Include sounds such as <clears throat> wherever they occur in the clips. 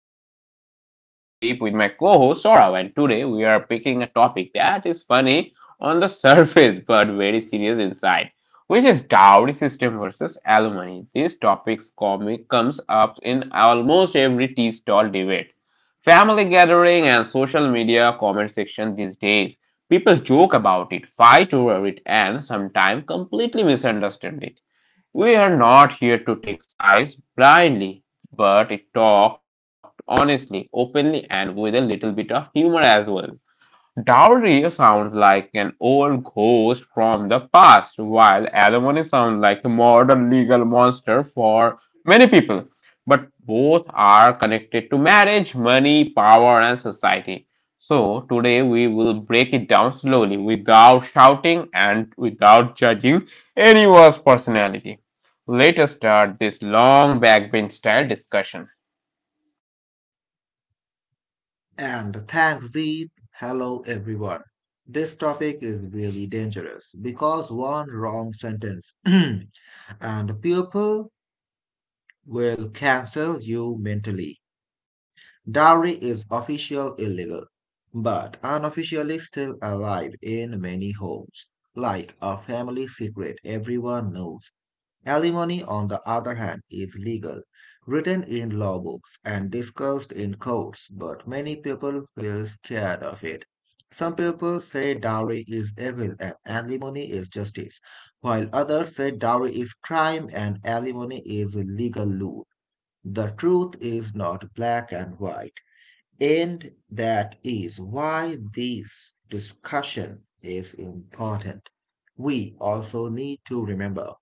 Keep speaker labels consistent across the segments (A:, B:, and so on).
A: Backbenchers. This is your host Deep with my co-host Saurav, and today we are picking a topic that is funny on the <laughs> surface but very serious inside, which is dowry system versus alimony. This topic comic comes up in almost every tea stall debate, family gathering, and social media comment section these days. People joke about it, fight over it, and sometimes completely misunderstand it. We are not here to take sides blindly, but talk honestly, openly, and with a little bit of humor as well. Dowry sounds like an old ghost from the past, while alimony sounds like a modern legal monster for many people. But both are connected to marriage, money, power, and society. So today we will break it down slowly without shouting and without judging anyone's personality. Let us start this long backbench style discussion.
B: And thanks, Deep. Hello, everyone. This topic is really dangerous because one wrong sentence <clears throat> and people will cancel you mentally. Dowry is official illegal, but unofficially still alive in many homes, like a family secret everyone knows. Alimony, on the other hand, is legal, written in law books, and discussed in courts, but many people feel scared of it. Some people say dowry is evil and alimony is justice, while others say dowry is crime and alimony is a legal rule. The truth is not black and white. And that is why this discussion is important. We also need to remember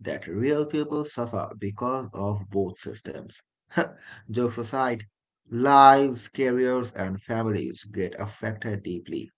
B: that real people suffer because of both systems. <laughs> Jokes aside, lives, careers, and families get affected deeply.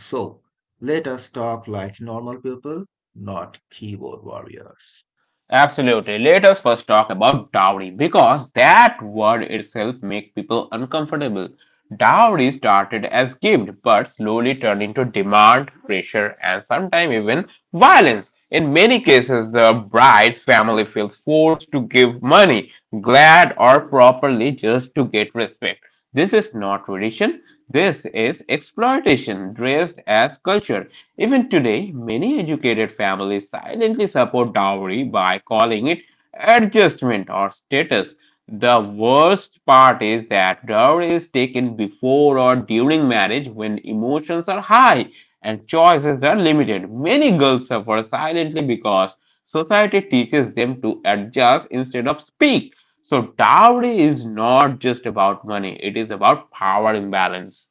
B: So, let us talk like normal people, not keyboard warriors.
A: Absolutely. Let us first talk about dowry because that word itself makes people uncomfortable. Dowry started as gift but slowly turned into demand, pressure, and sometimes even violence. In many cases, the bride's family feels forced to give money, glad or properly, just to get respect. This is not tradition, this is exploitation dressed as culture. Even today, many educated families silently support dowry by calling it adjustment or status. The worst part is that dowry is taken before or during marriage when emotions are high and choices are limited. Many girls suffer silently because society teaches them to adjust instead of speak. So dowry is not just about money, it is about power imbalance.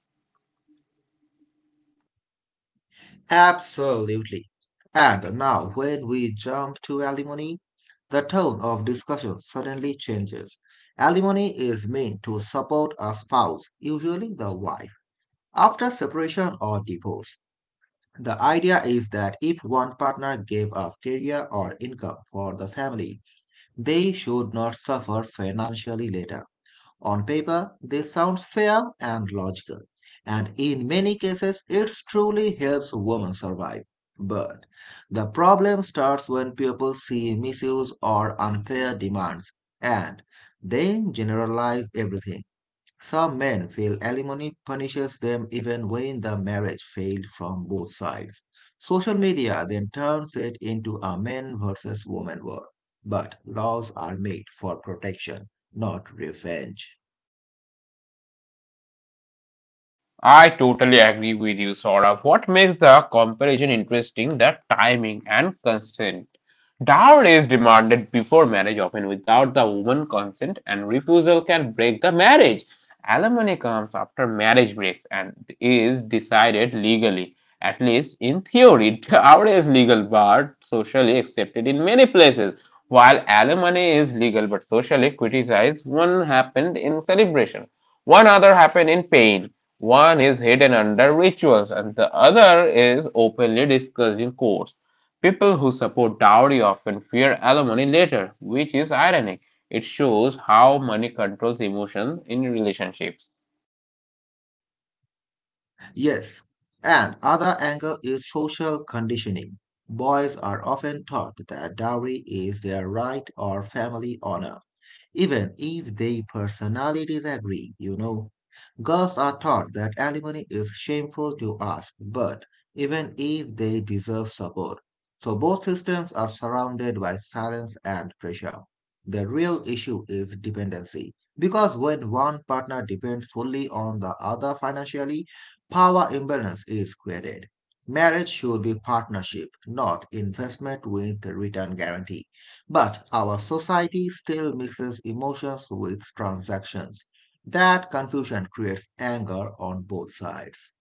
B: Absolutely. And now, when we jump to alimony, the tone of discussion suddenly changes. Alimony is meant to support a spouse, usually the wife. After separation or divorce, the idea is that if one partner gave up career or income for the family, they should not suffer financially later. On paper, this sounds fair and logical, and in many cases, it truly helps women survive. But the problem starts when people see misuse or unfair demands, and they generalize everything. Some men feel alimony punishes them even when the marriage failed from both sides. Social media then turns it into a men versus women war. But laws are made for protection, not revenge.
A: I totally agree with you, Saurabh. What makes the comparison interesting, the timing and consent. Dowry is demanded before marriage, often without the woman's consent, and refusal can break the marriage. Alimony comes after marriage breaks and is decided legally, at least in theory. <laughs> Dowry is legal but socially accepted in many places, while alimony is legal but socially criticized. One happened in celebration, one other happened in pain. One is hidden under rituals, and the other is openly discussed in courts. People who support dowry often fear alimony later, which is ironic. It shows how money controls emotions in relationships.
B: Yes, and other angle is social conditioning. Boys are often taught that dowry is their right or family honor even if their personalities agree, you know. Girls are taught that alimony is shameful to ask, but even if they deserve support. So both systems are surrounded by silence and pressure. The real issue is dependency. Because when one partner depends fully on the other financially, power imbalance is created. Marriage should be partnership, not investment with return guarantee. But our society still mixes emotions with transactions. That confusion creates anger on both sides.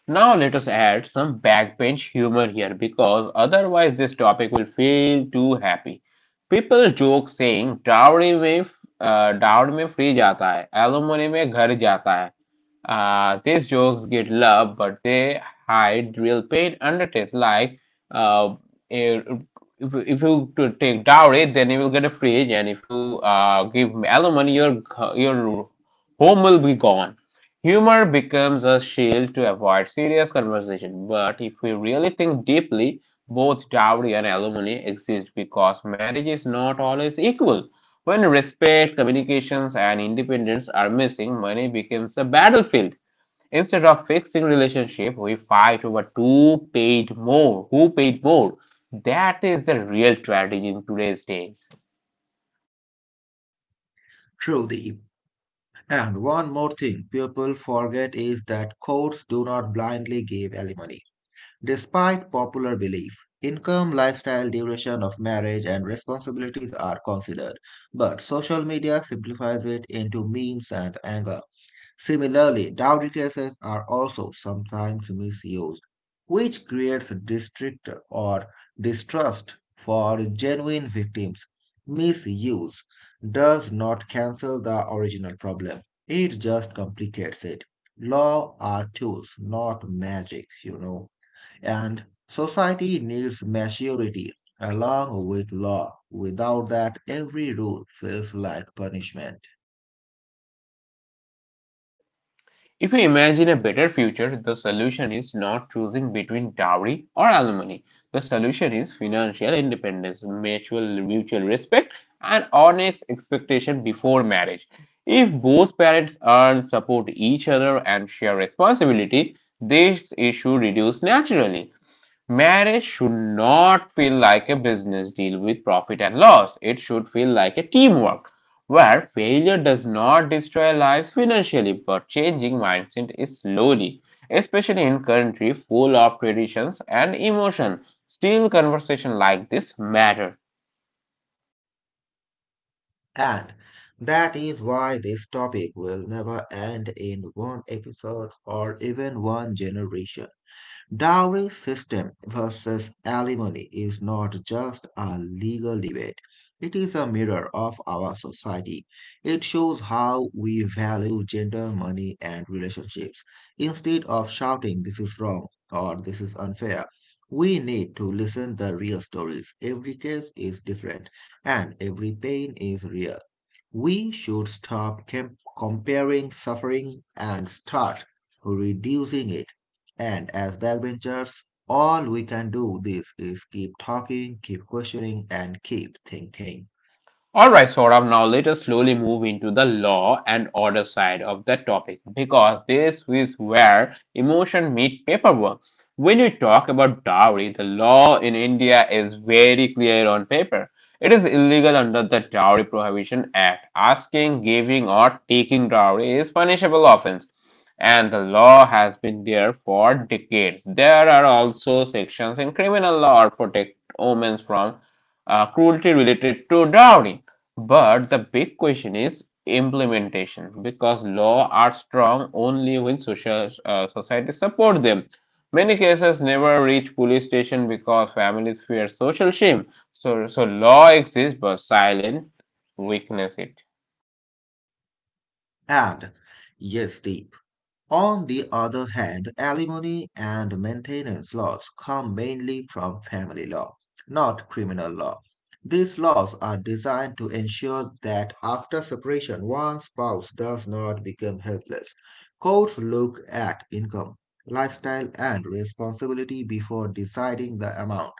A: Now let us add some backbench humor here because otherwise this topic will feel too happy. People joke saying dowry में free जाता है, alimony में ghar jata hai." These jokes get love but they hide real pain underneath. Like uh, if, if you take dowry, then you will get a fridge, and if you give alimony, your home will be gone. Humor becomes a shield to avoid serious conversation, but if we really think deeply, both dowry and alimony exist because marriage is not always equal. When respect, communications, and independence are missing, money becomes a battlefield. Instead of fixing relationship, we fight over who paid more. That is the real tragedy in today's days.
B: Truly. And one more thing people forget is that courts do not blindly give alimony. Despite popular belief, income, lifestyle, duration of marriage, and responsibilities are considered, but social media simplifies it into memes and anger. Similarly, dowry cases are also sometimes misused, which creates distrust or distrust for genuine victims. Misuse does not cancel the original problem, it just complicates it. Law are tools, not magic, you know, and society needs maturity along with law. Without that, every rule feels like punishment.
A: If we imagine a better future, the solution is not choosing between dowry or alimony. The solution is financial independence, mutual respect, and honest expectation before marriage. If both parents earn, support each other, and share responsibility, this issue reduces naturally. Marriage should not feel like a business deal with profit and loss. It should feel like a teamwork where failure does not destroy lives financially but changing mindset is slowly, especially in country full of traditions and emotion. Still conversation like this matter.
B: And that is why this topic will never end in one episode or even one generation. Dowry system versus alimony is not just a legal debate. It is a mirror of our society. It shows how we value gender, money, and relationships. Instead of shouting, this is wrong or this is unfair, we need to listen the real stories. Every case is different and every pain is real. We should stop comparing suffering and start reducing it. And as backbenchers, all we can do this is keep talking, keep questioning, and keep thinking.
A: All right, Saurabh, now let us slowly move into the law and order side of the topic because this is where emotion meet paperwork. When you talk about dowry, the law in India is very clear on paper. It is illegal under the Dowry Prohibition Act. Asking, giving, or taking dowry is punishable offense, and the law has been there for decades. There are also sections in criminal law or protect omens from cruelty related to dowry. But the big question is implementation because law are strong only when social society support them. Many cases never reach police station because families fear social shame. So law exists but silent weakness it.
B: And yes, Deep, on the other hand, alimony and maintenance laws come mainly from family law, not criminal law. These laws are designed to ensure that after separation, one spouse does not become helpless. Courts look at income, lifestyle, and responsibility before deciding the amount.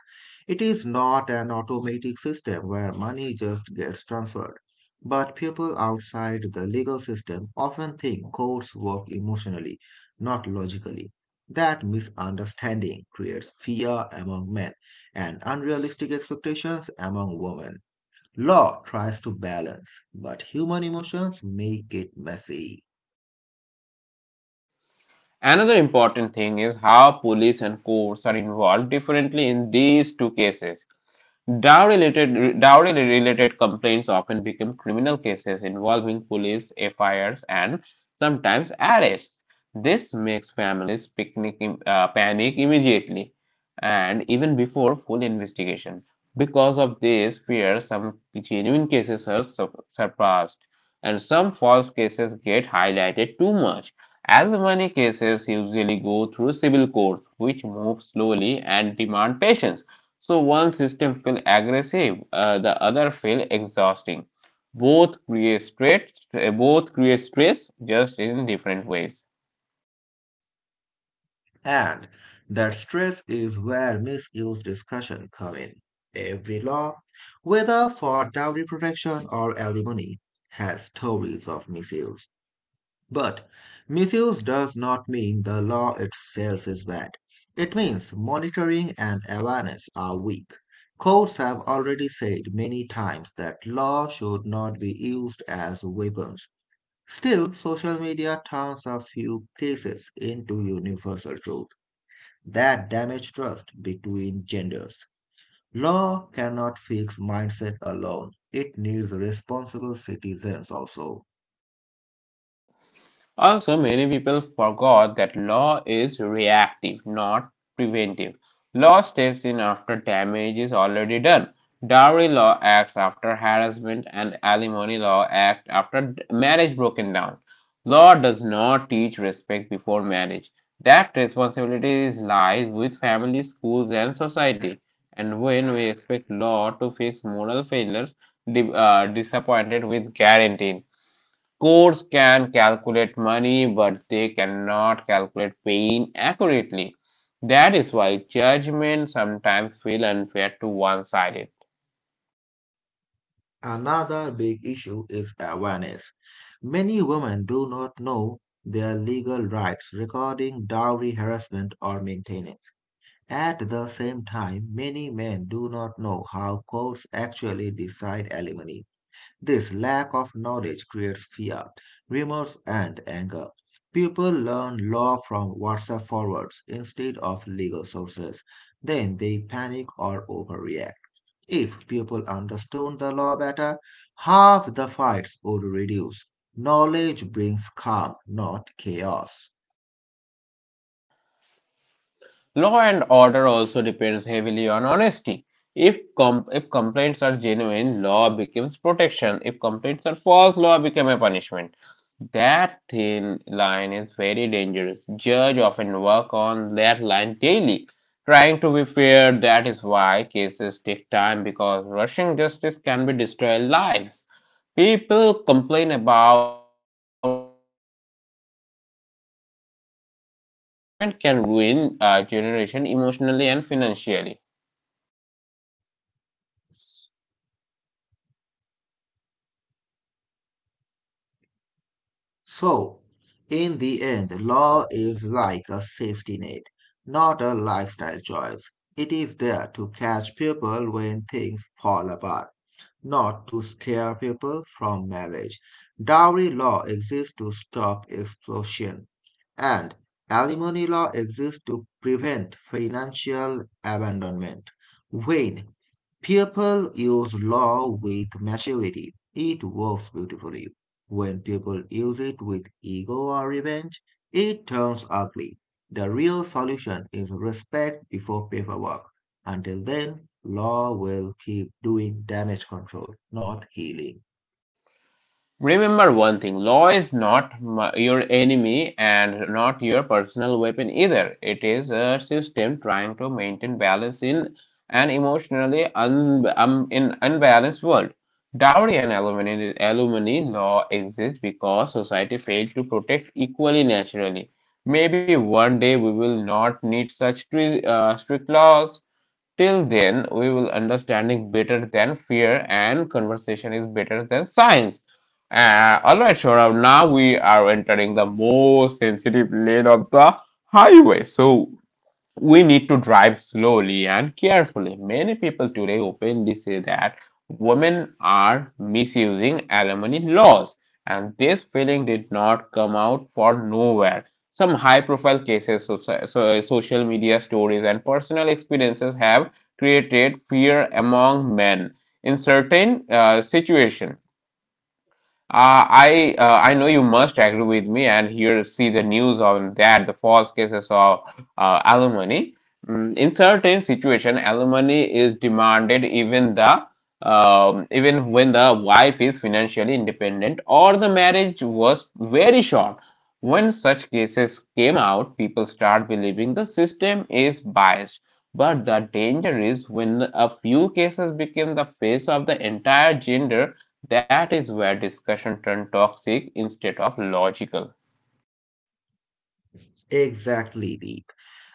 B: It is not an automatic system where money just gets transferred, but people outside the legal system often think courts work emotionally, not logically. That misunderstanding creates fear among men and unrealistic expectations among women. Law tries to balance, but human emotions make it messy.
A: Another important thing is how police and courts are involved differently in these two cases. Dowry-related complaints often become criminal cases involving police FIRs and sometimes arrests. This makes families panic immediately and even before full investigation. Because of this fear, some genuine cases are surpassed and some false cases get highlighted too much. As many cases usually go through civil courts, which move slowly and demand patience. So one system feels aggressive, the other feels exhausting. Both create stress, both create stress just in different ways.
B: And that stress is where misuse discussion come in. Every law, whether for dowry protection or alimony, has stories of misuse. But misuse does not mean the law itself is bad. It means monitoring and awareness are weak. Courts have already said many times that law should not be used as weapons. Still, social media turns a few cases into universal truth that damage trust between genders. Law cannot fix mindset alone, it needs responsible citizens also.
A: Also, many people forgot that law is reactive, not preventive. Law steps in after damage is already done. Dowry law acts after harassment and alimony law act after marriage broken down. Law does not teach respect before marriage. That responsibility is lies with family, schools, and society. And when we expect law to fix moral failures, disappointed with guaranteeing. Courts can calculate money, but they cannot calculate pain accurately. That is why judgments sometimes feel unfair to one-sided.
B: Another big issue is awareness. Many women do not know their legal rights regarding dowry harassment or maintenance. At the same time, many men do not know how courts actually decide alimony. This lack of knowledge creates fear, remorse, and anger. People learn law from WhatsApp forwards instead of legal sources. Then they panic or overreact. If people understood the law better, half the fights would reduce. Knowledge brings calm, not chaos.
A: Law and order also depends heavily on honesty. If complaints are genuine, law becomes protection. If complaints are false, law becomes a punishment. That thin line is very dangerous. Judge often work on that line daily. Trying to be fair, that is why cases take time because rushing justice can be destroy lives. People complain about slow court, but forget the complexity involved. One wrong judgment can ruin a generation emotionally and financially.
B: So, in the end, law is like a safety net, not a lifestyle choice. It is there to catch people when things fall apart, not to scare people from marriage. Dowry law exists to stop explosion, and alimony law exists to prevent financial abandonment. When people use law with maturity, it works beautifully. When people use it with ego or revenge, it turns ugly. The real solution is respect before paperwork. Until then, law will keep doing damage control, not healing.
A: Remember one thing law is not your enemy and not your personal weapon either. It is a system trying to maintain balance in an emotionally in unbalanced world. Dowry and alimony law exists because society failed to protect equally naturally. Maybe one day we will not need such strict laws. Till then, we will understanding better than fear and conversation is better than science. All right, Shorav. Now we are entering the most sensitive lane of the highway. So we need to drive slowly and carefully. Many people today openly say that women are misusing alimony laws, and this feeling did not come out for nowhere. Some high profile cases, social media stories, and personal experiences have created fear among men in certain situations. I know you must agree with me, and here see the news on that the false cases of alimony. In certain situation, alimony is demanded even when the wife is financially independent or the marriage was very short. When such cases came out, people start believing the system is biased. But the danger is when a few cases become the face of the entire gender that is where discussion turned toxic instead of logical.
B: Exactly, Deep.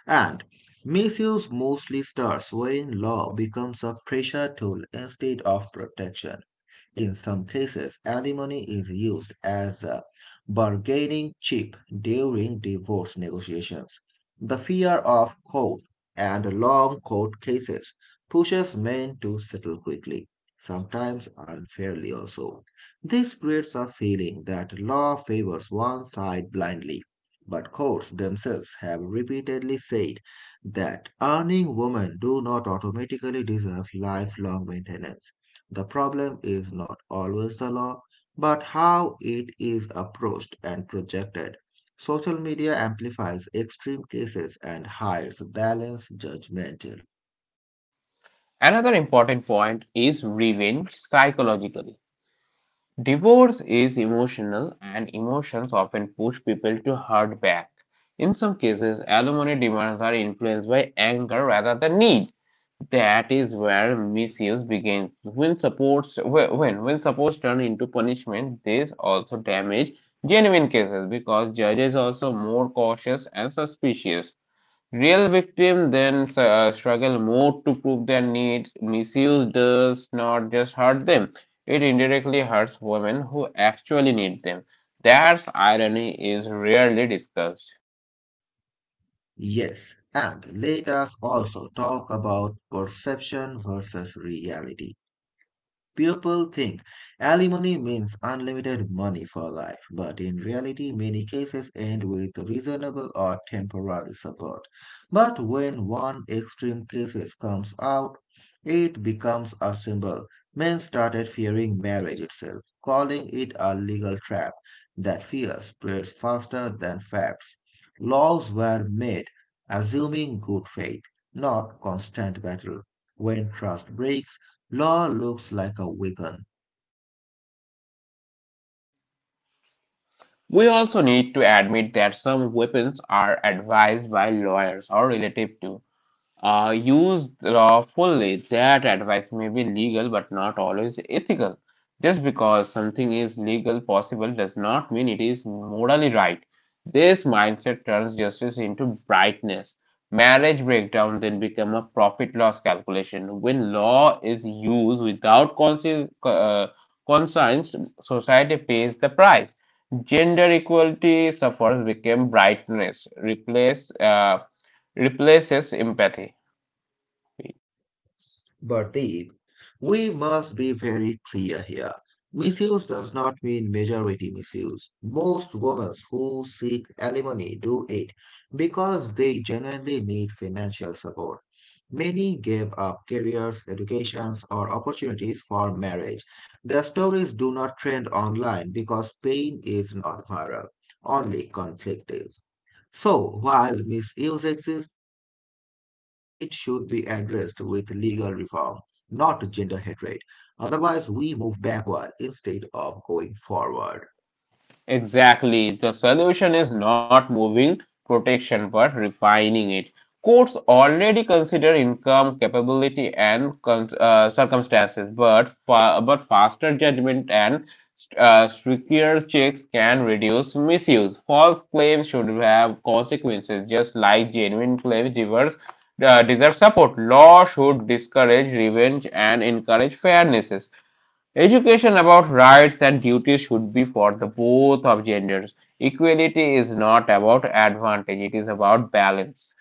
B: And misuse mostly starts when law becomes a pressure tool instead of protection. In some cases, alimony is used as a bargaining chip during divorce negotiations. The fear of court and long court cases pushes men to settle quickly, sometimes unfairly also. This creates a feeling that law favors one side blindly. But courts themselves have repeatedly said that earning women do not automatically deserve lifelong maintenance. The problem is not always the law, but how it is approached and projected. Social media amplifies extreme cases and hides balanced judgment.
A: Another important point is revenge psychologically. Divorce is emotional, and emotions often push people to hurt back. In some cases, alimony demands are influenced by anger rather than need. That is where misuse begins. When supports turn into punishment, this also damage genuine cases because judges are also more cautious and suspicious. Real victims then struggle more to prove their need. Misuse does not just hurt them, it indirectly hurts women who actually need them. That irony is rarely discussed.
B: Yes, and let us also talk about perception versus reality. People think alimony means unlimited money for life, but in reality, many cases end with reasonable or temporary support. But when one extreme crisis comes out, it becomes a symbol. Men started fearing marriage itself, calling it a legal trap. That fear spreads faster than facts. Laws were made assuming good faith, not constant battle. When trust breaks, law looks like a weapon.
A: We also need to admit that some weapons are advised by lawyers or relative to. Used lawfully, that advice may be legal but not always ethical. Just because something is legal possible does not mean it is morally right. This mindset turns justice into brightness. Marriage breakdown then become a profit loss calculation. When law is used without conscience, society pays the price. Gender equality suffers became brightness, replaces empathy.
B: But Deep, we must be very clear here. Misuse does not mean majority misuse. Most women who seek alimony do it because they genuinely need financial support. Many gave up careers, educations, or opportunities for marriage. Their stories do not trend online because pain is not viral, only conflict is. So, while misuse exists, it should be addressed with legal reform not gender hatred. Otherwise, we move backward instead of going forward.
A: Exactly. The solution is not moving protection but refining it. Courts already consider income, capability, and circumstances, but but faster judgment and stricter checks can reduce misuse. False claims should have consequences, just like genuine deserve support. Law should discourage revenge and encourage fairnesses. Education about rights and duties should be for the both of genders. Equality is not about advantage, it is about balance.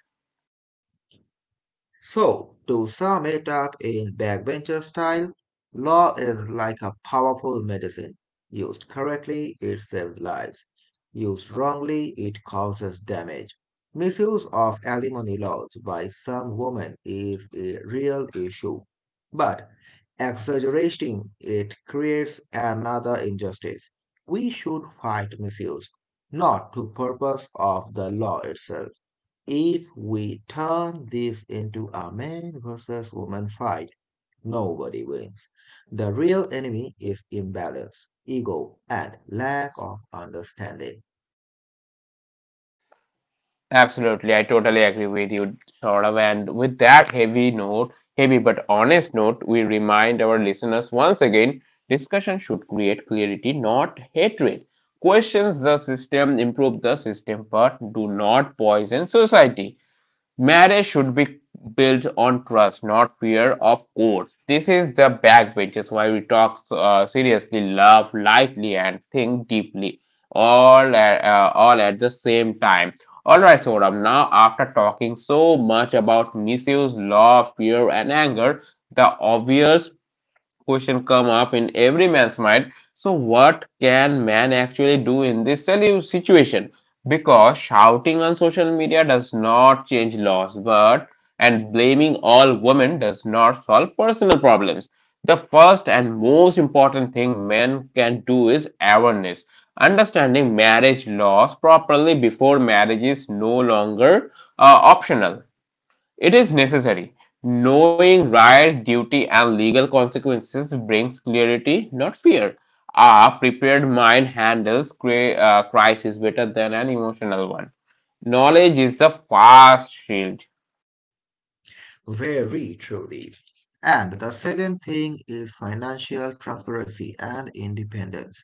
B: So, to sum it up in backbencher style, law is like a powerful medicine. Used correctly, it saves lives. Used wrongly, it causes damage. Misuse of alimony laws by some women is a real issue, but exaggerating it creates another injustice. We should fight misuse, not to purpose of the law itself. If we turn this into a man versus woman fight, nobody wins. The real enemy is imbalance, ego, and lack of understanding.
A: Absolutely, I totally agree with you, Saurav. And with that heavy note, heavy but honest note, we remind our listeners once again discussion should create clarity, not hatred. Questions the system, improve the system, but do not poison society. Marriage should be built on trust, not fear of courts. This is the backbenches why we talk seriously, love lightly, and think deeply, all at the same time. All right, Soram. Now, after talking so much about misuse, love, fear, and anger, the obvious question come up in every man's mind. So what can man actually do in this situation? Because shouting on social media does not change laws, but and blaming all women does not solve personal problems. The first and most important thing men can do is awareness. Understanding marriage laws properly before marriage is no longer optional. It is necessary. Knowing rights, duty, and legal consequences brings clarity, not fear. A prepared mind handles crisis better than an emotional one. Knowledge is the fast shield.
B: Very truly. And the second thing is financial transparency and independence.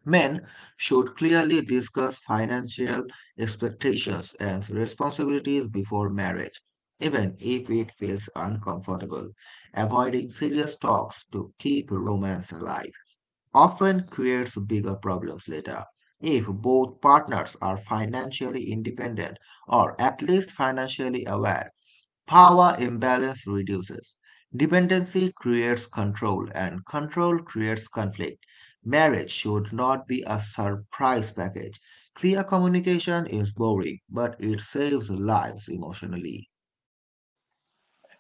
B: Men should clearly discuss financial expectations and responsibilities before marriage, even if it feels uncomfortable. Avoiding serious talks to keep romance alive often creates bigger problems later. If both partners are financially independent or at least financially aware, power imbalance reduces. Dependency creates control, and control creates conflict. Marriage should not be a surprise package. Clear communication is boring, but it saves lives emotionally.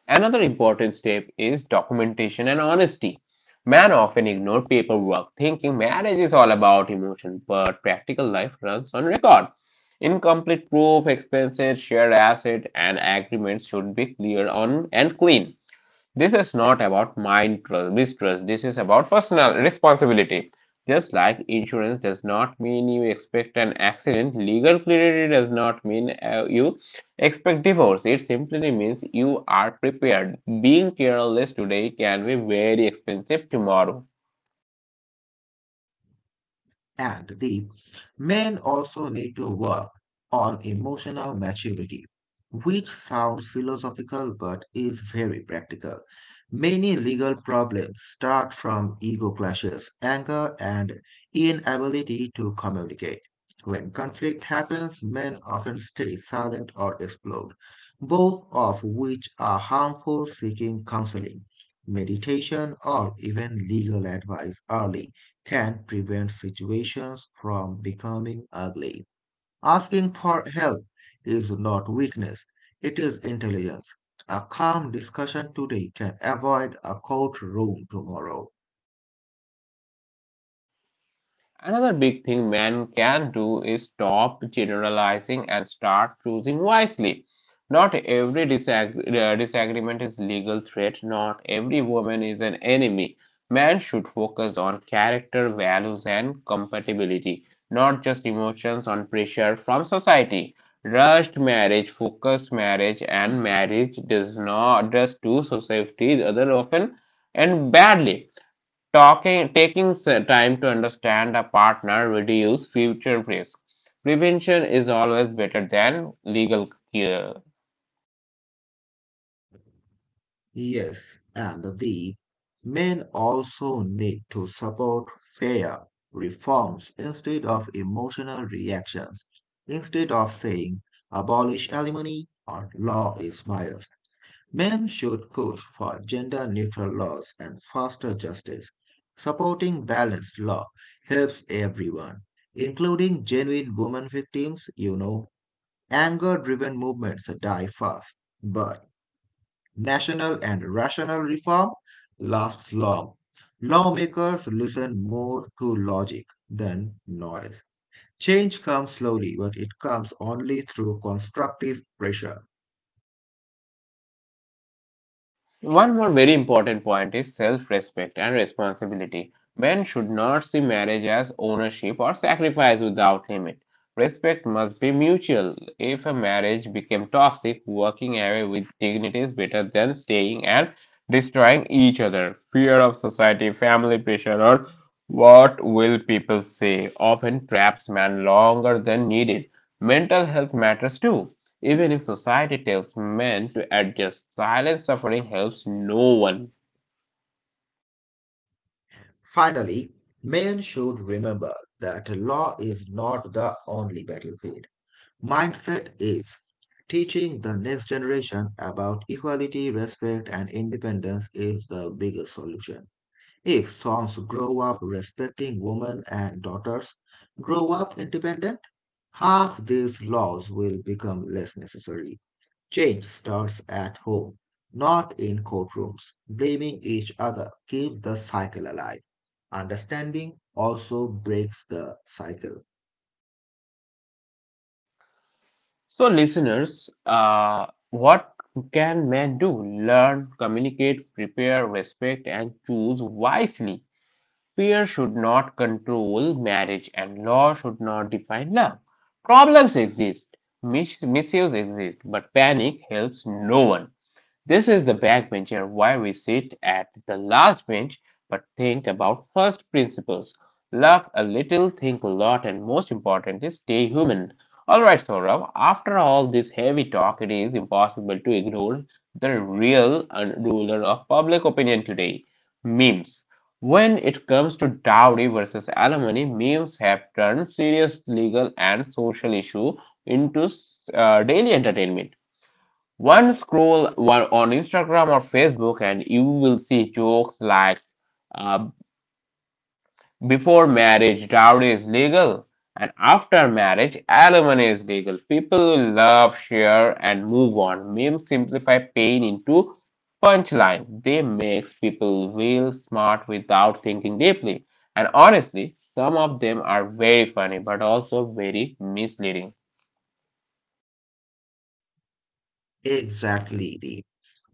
A: Another important step is documentation and honesty. Men often ignore paperwork, thinking marriage is all about emotion, but practical life runs on record. Incomplete proof, expenses, shared asset, and agreements should be clear on and clean. This is not about mind mistrust. This is about personal responsibility. Just like insurance does not mean you expect an accident, legal clarity does not mean you expect divorce. It simply means you are prepared. Being careless today can be very expensive tomorrow.
B: And the men also need to work on emotional maturity, which sounds philosophical but is very practical. Many legal problems start from ego clashes, anger, and inability to communicate. When conflict happens, men often stay silent or explode, both of which are harmful seeking counseling, meditation, or even legal advice early can prevent situations from becoming ugly. Asking for help is not weakness, it is intelligence. A calm discussion today can avoid a courtroom tomorrow.
A: Another big thing men can do is stop generalizing and start choosing wisely. Not every disagreement is legal threat. Not every woman is an enemy. Man should focus on character, values, and compatibility, not just emotions on pressure from society. Rushed marriage, focused marriage, and marriage does not just do society other often and badly. Talking, taking time to understand a partner reduce future risk. Prevention is always better than legal cure.
B: Yes, and the men also need to support fair reforms instead of emotional reactions. Instead of saying abolish alimony or law is my men should push for gender neutral laws and faster justice. Supporting balanced law helps everyone, including genuine women victims, you know. Anger driven movements die fast, but national and rational reform lasts long. Lawmakers listen more to logic than noise. Change comes slowly, but it comes only through constructive pressure.
A: One more very important point is self respect and responsibility. Men should not see marriage as ownership or sacrifice without limit. Respect must be mutual. If a marriage became toxic, walking away with dignity is better than staying and destroying each other. Fear of society, family pressure, or what will people say often traps men longer than needed. Mental health matters too. Even if society tells men adjust. Silent suffering helps no one.
B: Finally, men should remember that law is not the only battlefield. Mindset is. Teaching the next generation about equality, respect, and independence is the biggest solution. If sons grow up respecting women and daughters, grow up independent, half these laws will become less necessary. Change starts at home, not in courtrooms. Blaming each other keeps the cycle alive. Understanding also breaks the cycle.
A: So, listeners, what can man do? Learn, communicate, prepare, respect, and choose wisely. Fear should not control marriage, and law should not define love. Problems exist, misuse exist, but panic helps no one. This is the backbencher where we sit at the last bench but think about first principles. Laugh a little, think a lot, and most importantly, stay human. Alright, Saurabh, after all this heavy talk, it is impossible to ignore the real ruler of public opinion today: memes. When it comes to dowry versus alimony, memes have turned serious legal and social issue into daily entertainment. One scroll while on Instagram or Facebook, and you will see jokes like uh, before marriage, dowry is legal, and after marriage, alimony is legal. People will love, share, and move on. Memes simplify pain into punchlines. They makes people feel smart without thinking deeply. And honestly, some of them are very funny, but also very misleading.
B: Exactly, Deep.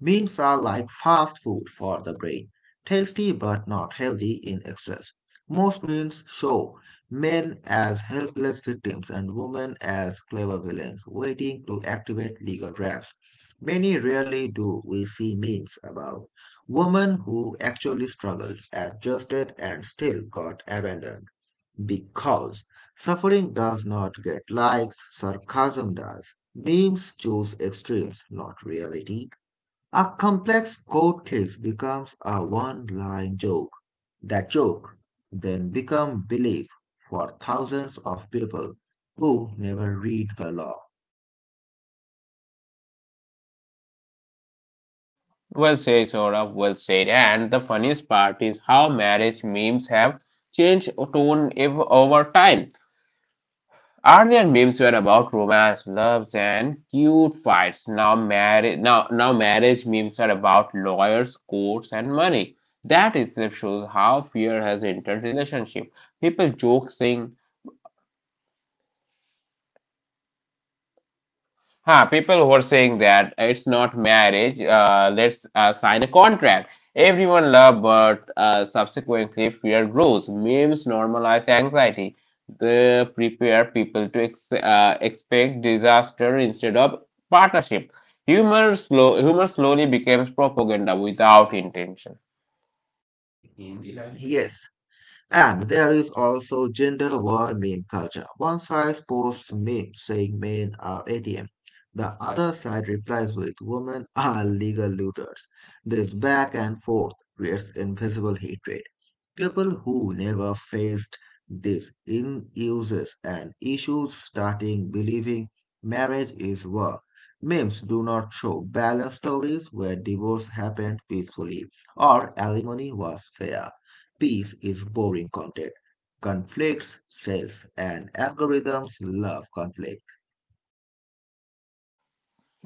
B: Beans are like fast food for the brain, tasty but not healthy in excess. Most memes show men as helpless victims and women as clever villains waiting to activate legal traps. Many rarely do we see memes about women who actually struggled, adjusted, and still got abandoned because suffering does not get likes, sarcasm does. Memes choose extremes, not reality. A complex court case becomes a one-line joke. That joke then becomes belief for thousands of people who never read the law.
A: Well said, Saurabh, well said. And the funniest part is how marriage memes have changed tone over time. Earlier memes were about romance, loves, and cute fights. Now marriage memes are about lawyers, courts, and money. That itself shows how fear has entered relationship. People joke saying, huh, people were saying that it's not marriage. Let's sign a contract. Everyone loved, but subsequently fear grows. Memes normalize anxiety. They prepare people to expect disaster instead of partnership. Humor slowly becomes propaganda without intention.
B: Yes, and there is also gender war meme culture. One side posts memes saying men are ATM. The other side replies with women are legal looters. This back and forth creates invisible hatred. People who never faced this in uses and issues starting believing marriage is war. Memes do not show balanced stories where divorce happened peacefully or alimony was fair. Peace is boring content. Conflicts sales, and algorithms love conflict.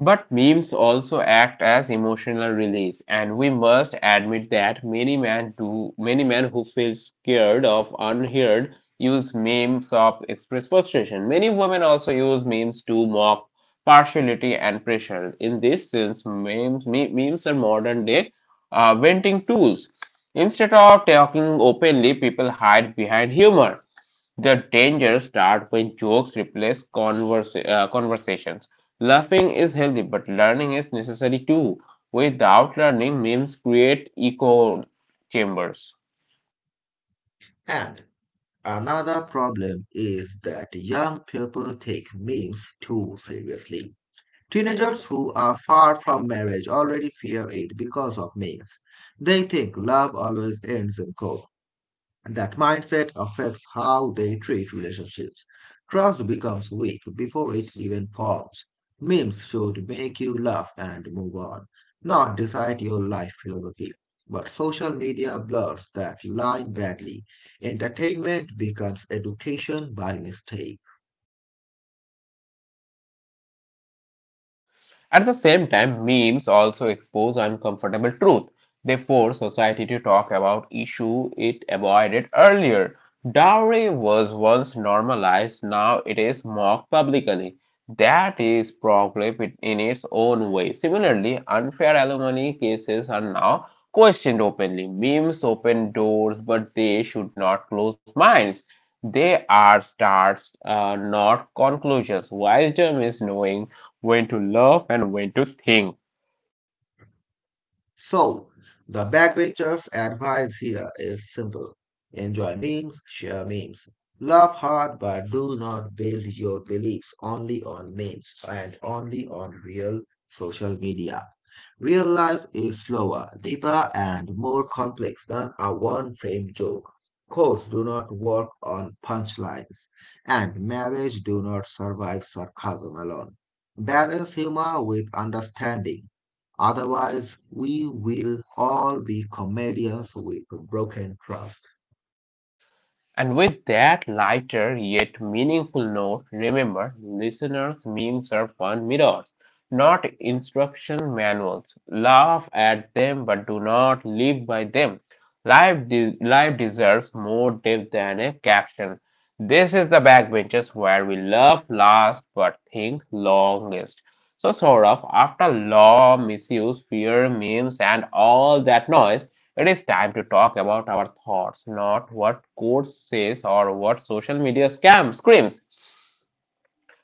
A: But memes also act as emotional release, and we must admit that many men who feel scared of unheard use memes of express frustration. Many women also use memes to mock partiality and pressure. In this sense, memes are modern day venting tools. Instead of talking openly, people hide behind humor. The dangers start when jokes replace conversations. Laughing is healthy, but learning is necessary too. Without learning, memes create echo chambers.
B: And another problem is that young people take memes too seriously. Teenagers who are far from marriage already fear it because of myths. They think love always ends in court. That mindset affects how they treat relationships. Trust becomes weak before it even forms. Memes should make you laugh and move on, not decide your life philosophy. But social media blurs that line badly. Entertainment becomes education by mistake.
A: At the same time, memes also expose uncomfortable truth. They force society to talk about issue it avoided earlier. Dowry was once normalized, now it is mocked publicly. That is problem in its own way. Similarly, unfair alimony cases are now questioned openly. Memes open doors, but they should not close minds. They are not conclusions. Wisdom is knowing when to love and when to think.
B: So, the backbenchers' advice here is simple. Enjoy memes, share memes. Laugh hard, but do not build your beliefs only on memes and only on real social media. Real life is slower, deeper, and more complex than a one frame joke. Codes do not work on punchlines, and marriage do not survive sarcasm alone. Balance humor with understanding. Otherwise, we will all be comedians with broken trust.
A: And with that lighter yet meaningful note, remember listeners' memes are fun mirrors, not instruction manuals. Laugh at them, but do not live by them. Life deserves more depth than a caption. This is the backbenches where we love last but think longest. So, Saurabh, after law, misuse, fear, memes, and all that noise, it is time to talk about our thoughts, not what code says or what social media scam screams.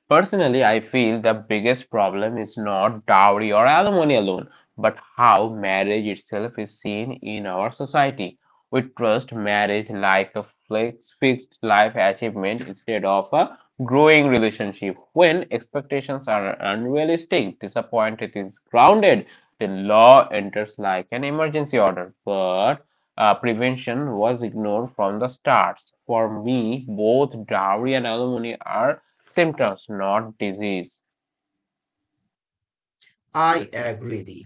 A: Personally, I feel the biggest problem is not dowry or alimony alone, but how marriage itself is seen in our society. We trust marriage like a fixed life achievement instead of a growing relationship. When expectations are unrealistic, disappointment is grounded, the law enters like an emergency order. But prevention was ignored from the start. For me, both dowry and alimony are symptoms, not disease.
B: I agree.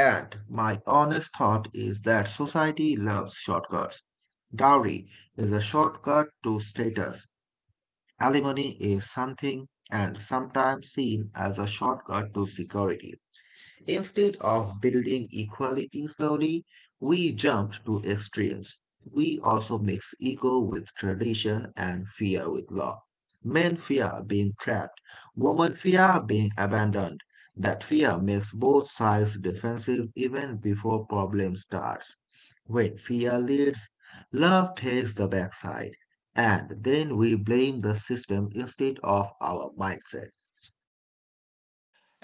B: And my honest thought is that society loves shortcuts. Dowry is a shortcut to status. Alimony is something and sometimes seen as a shortcut to security. Instead of building equality slowly, we jumped to extremes. We also mix ego with tradition and fear with law. Men fear being trapped, women fear being abandoned. That fear makes both sides defensive even before problem starts. When fear leads, love takes the backside, and then we blame the system instead of our mindsets.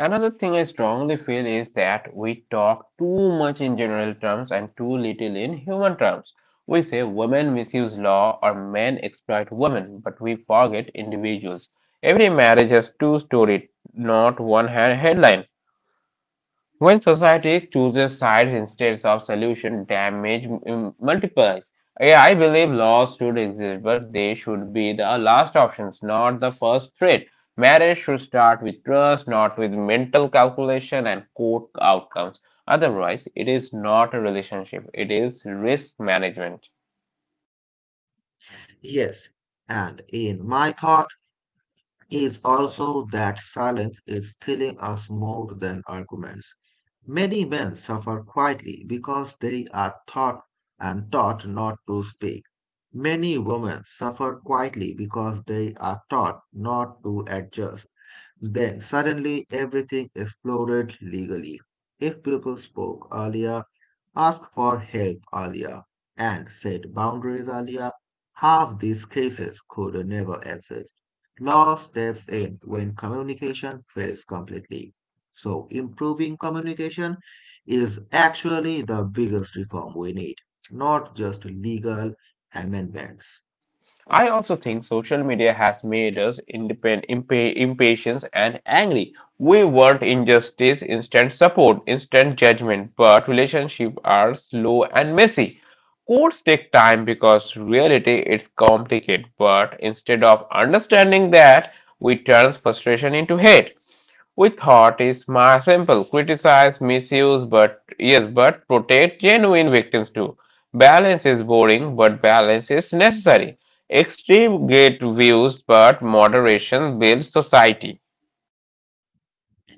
A: Another thing I strongly feel is that we talk too much in general terms and too little in human terms. We say women misuse law or men exploit women, but we forget individuals. Every marriage has two stories, not one headline. When society chooses sides instead of solution, multiplies. Yeah, I believe laws should exist, but they should be the last options, not the first threat. Marriage should start with trust, not with mental calculation and court outcomes. Otherwise, it is not a relationship, it is risk management.
B: Yes, and in my thought, is also that silence is killing us more than arguments. Many men suffer quietly because they are taught and taught not to speak. Many women suffer quietly because they are taught not to adjust. Then suddenly everything exploded legally. If people spoke earlier, ask for help earlier and set boundaries earlier. Half these cases could never exist. Law steps in when communication fails completely. So, improving communication is actually the biggest reform we need, not just legal amendments.
A: I also think social media has made us impatient and angry. We want injustice, instant support, instant judgment, but relationships are slow and messy. Courts take time because reality is complicated, but instead of understanding that, we turn frustration into hate. We thought is my simple. Criticize, misuse, but yes, but protect genuine victims too. Balance is boring, but balance is necessary. Extreme get views, but moderation builds society.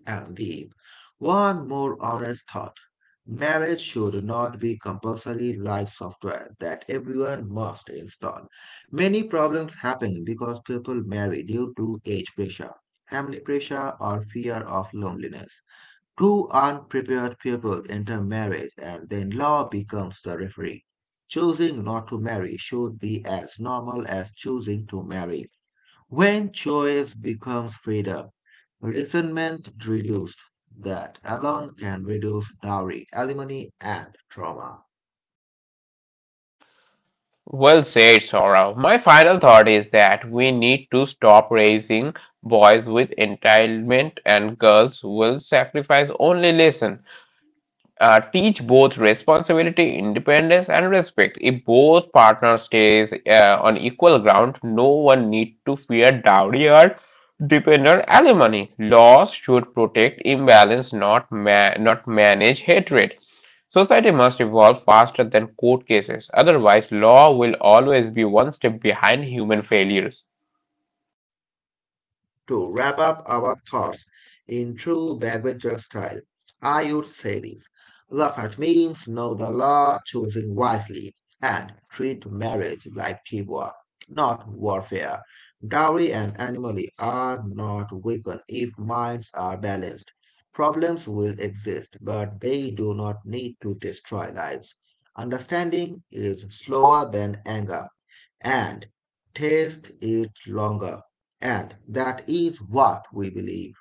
B: And leave. One more honest thought. Marriage should not be compulsory like software that everyone must install. Many problems happen because people marry due to age pressure, family pressure, or fear of loneliness. Two unprepared people enter marriage and then law becomes the referee. Choosing not to marry should be as normal as choosing to marry. When choice becomes freedom, resentment reduced. That alone can reduce dowry, alimony, and trauma.
A: Well said, Saurav. My final thought is that we need to stop raising boys with entitlement and girls will sacrifice only listen. Teach both responsibility, independence, and respect. If both partners stays on equal ground, no one need to fear dowry or dependent alimony. Laws should protect imbalance, not manage hatred. Society must evolve faster than court cases, otherwise, law will always be one step behind human failures.
B: To wrap up our thoughts in true backbencher style, I would say this. Laugh at meetings, know the law, choosing wisely, and treat marriage like teamwork, not warfare. Dowry and anomaly are not weakened if minds are balanced. Problems will exist, but they do not need to destroy lives. Understanding is slower than anger, and taste it longer. And that is what we believe.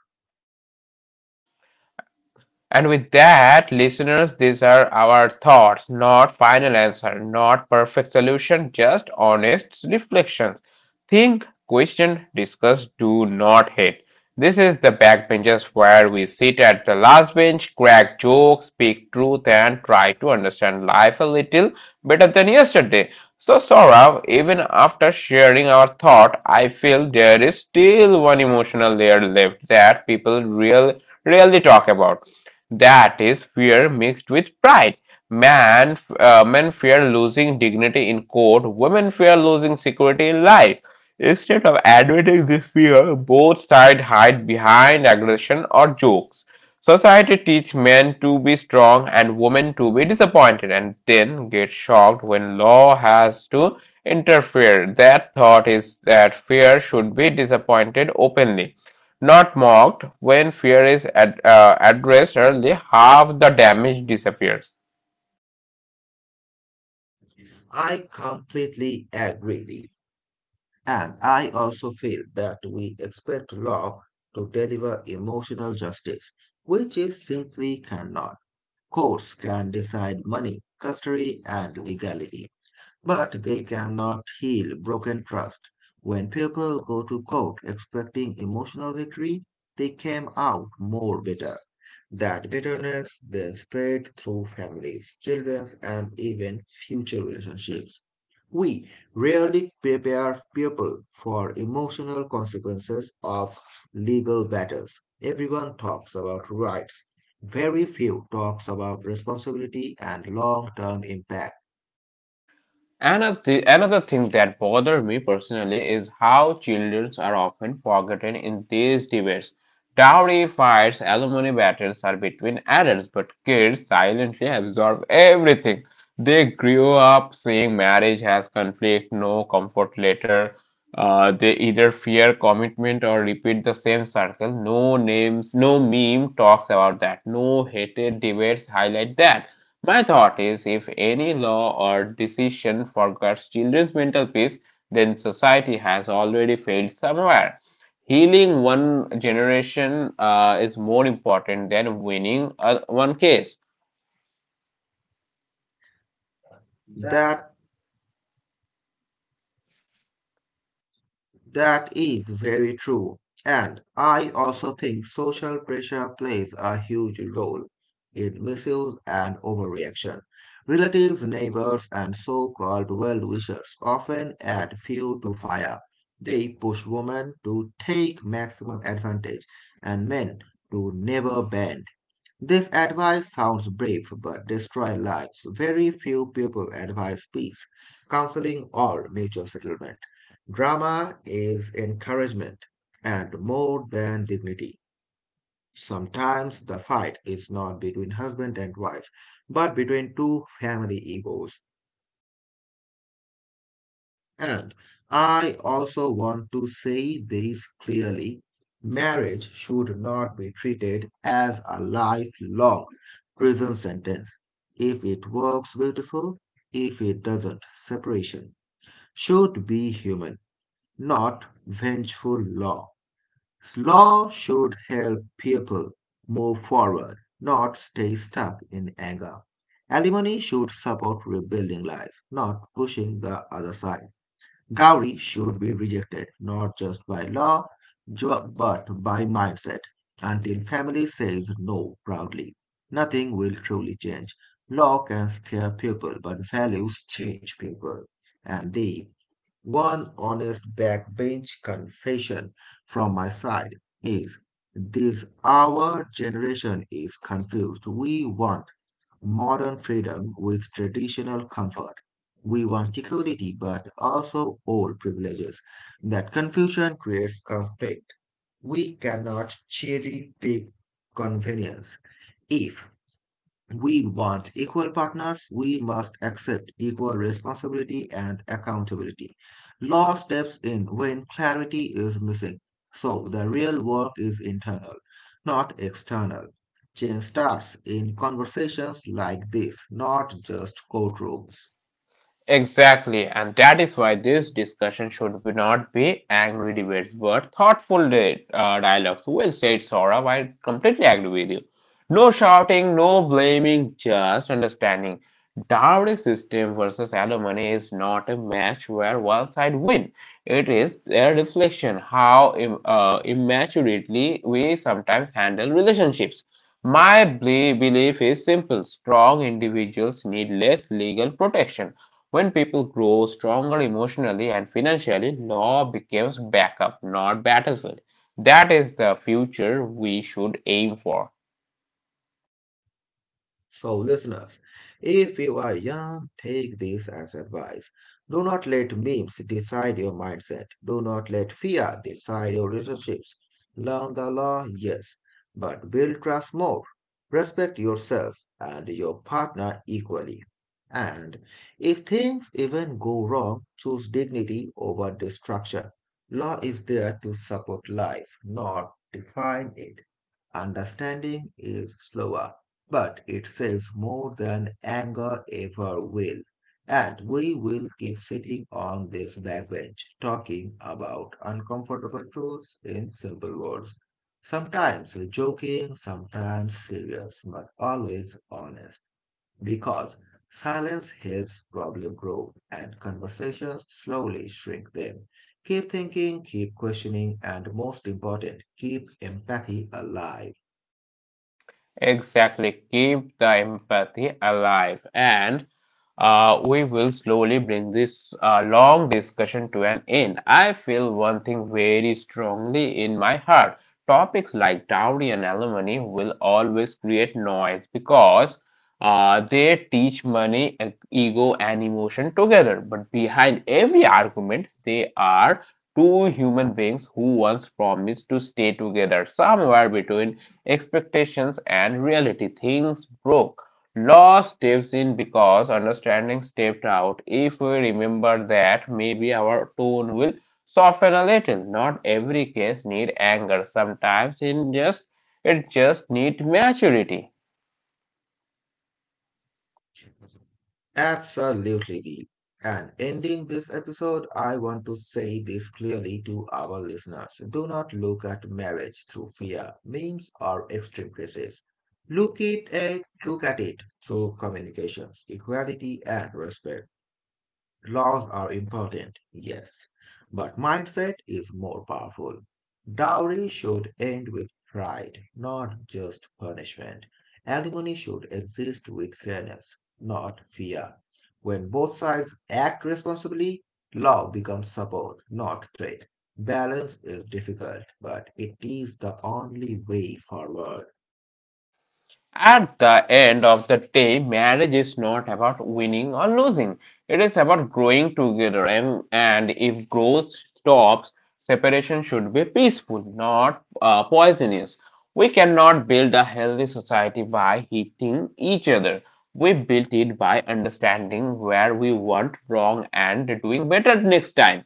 A: And with that, listeners, these are our thoughts, not final answer, not perfect solution, just honest reflections. Think, question, discuss, do not hate. This is the backbenches where we sit at the last bench, crack jokes, speak truth, and try to understand life a little better than yesterday. So, Saurav, even after sharing our thought, I feel there is still one emotional layer left that rarely talk about, that is fear mixed with pride. Men fear losing dignity in court, women fear losing security in life. Instead of admitting this fear, both sides hide behind aggression or jokes. Society teaches men to be strong and women to be disappointed and then get shocked when law has to interfere. That thought is that fear should be disappointed openly. Not mocked, when fear is addressed early, half the damage disappears.
B: I completely agree. And I also feel that we expect law to deliver emotional justice, which it simply cannot. Courts can decide money, custody, and legality. But they cannot heal broken trust. When people go to court expecting emotional victory, they came out more bitter. That bitterness then spread through families, children, and even future relationships. We rarely prepare people for emotional consequences of legal battles. Everyone talks about rights. Very few talks about responsibility and long-term impact.
A: Another thing that bothers me personally is how children are often forgotten in these debates. Dowry fights, alimony battles are between adults, but kids silently absorb everything. They grew up seeing marriage as conflict, no comfort later. They either fear commitment or repeat the same circle. No names, no meme talks about that. No hated debates highlight that. My thought is if any law or decision forgets children's mental peace, then society has already failed somewhere. Healing one generation is more important than winning one case.
B: That That is very true. And I also think social pressure plays a huge role in misuse and overreaction. Relatives, neighbors, and so called well wishers often add fuel to fire. They push women to take maximum advantage and men to never bend. This advice sounds brave but destroys lives. Very few people advise peace, counseling, or nature settlement. Drama is encouragement and more than dignity. Sometimes the fight is not between husband and wife, but between two family egos. And I also want to say this clearly. Marriage should not be treated as a lifelong prison sentence. If it works, beautiful. If it doesn't, separation should be human, not vengeful law. Law should help people move forward, not stay stuck in anger. Alimony should support rebuilding life, not pushing the other side. Dowry should be rejected not just by law, but by mindset. Until family says no proudly, nothing will truly change. Law can scare people, but values change people. And the one honest backbench confession from my side is this: our generation is confused. We want modern freedom with traditional comfort. We want equality but also old privileges. That confusion creates conflict. We cannot cherry pick convenience. If we want equal partners, we must accept equal responsibility and accountability. Law steps in when clarity is missing. So the real work is internal, not external. Change starts in conversations like this, not just courtrooms.
A: Exactly, and that is why this discussion should be not be angry debates but thoughtful dialogues. Well said, Saurabh. I completely agree with you. No shouting, no blaming, just understanding. Dowry system versus alimony is not a match where one side win. It is a reflection how immaturely we sometimes handle relationships. My belief is simple: strong individuals need less legal protection when people grow stronger emotionally and financially, law becomes backup, not battlefield. That is the future we should aim for.
B: So, listeners, if you are young, take this as advice. Do not let memes decide your mindset. Do not let fear decide your relationships. Learn the law, yes, but build trust more. Respect yourself and your partner equally. And if things even go wrong, choose dignity over destruction. Law is there to support life, not define it. Understanding is slower but it saves more than anger ever will. And we will keep sitting on this backbench talking about uncomfortable truths in simple words. Sometimes joking, sometimes serious, but always honest. Because silence helps problem grow and conversations slowly shrink them. Keep thinking, keep questioning, and most important, keep empathy alive.
A: Exactly. Keep the empathy alive. And we will slowly bring this long discussion to an end. I feel one thing very strongly in my heart. Topics like dowry and alimony will always create noise because they teach money, ego, and emotion together. But behind every argument, they are two human beings who once promised to stay together somewhere between expectations and reality, things broke. Law steps in because understanding stepped out. If we remember that, maybe our tone will soften a little. Not every case need anger. Sometimes it just need maturity.
B: Absolutely deep. And ending this episode, I want to say this clearly to our listeners. Do not look at marriage through fear, memes, or extreme cases. Look at it through communications, equality, and respect. Laws are important, yes, but mindset is more powerful. Dowry should end with pride, not just punishment. Alimony should exist with fairness, not fear. When both sides act responsibly, love becomes support, not threat. Balance is difficult, but it is the only way forward.
A: At the end of the day, marriage is not about winning or losing. It is about growing together. And if growth stops, separation should be peaceful, not poisonous. We cannot build a healthy society by hitting each other. We built it by understanding where we went wrong and doing better next time.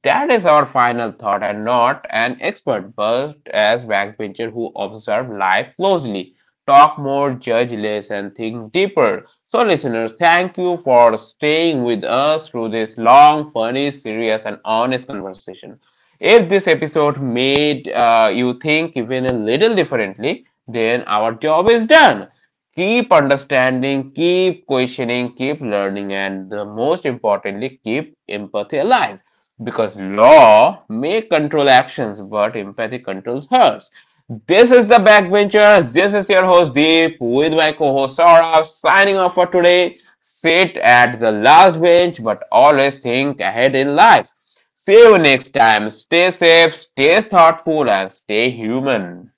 A: That is our final thought, and not an expert, but as backbencher who observe life closely, talk more, judge less, and think deeper. So, listeners, thank you for staying with us through this long, funny, serious, and honest conversation. If this episode made you think even a little differently, then our job is done. Keep understanding, keep questioning, keep learning, and the most importantly, keep empathy alive. Because law may control actions, but empathy controls hearts. This is the Backbenchers. This is your host Deep with my co-host Saurabh signing off for today. Sit at the last bench, but always think ahead in life. See you next time. Stay safe, stay thoughtful, and stay human.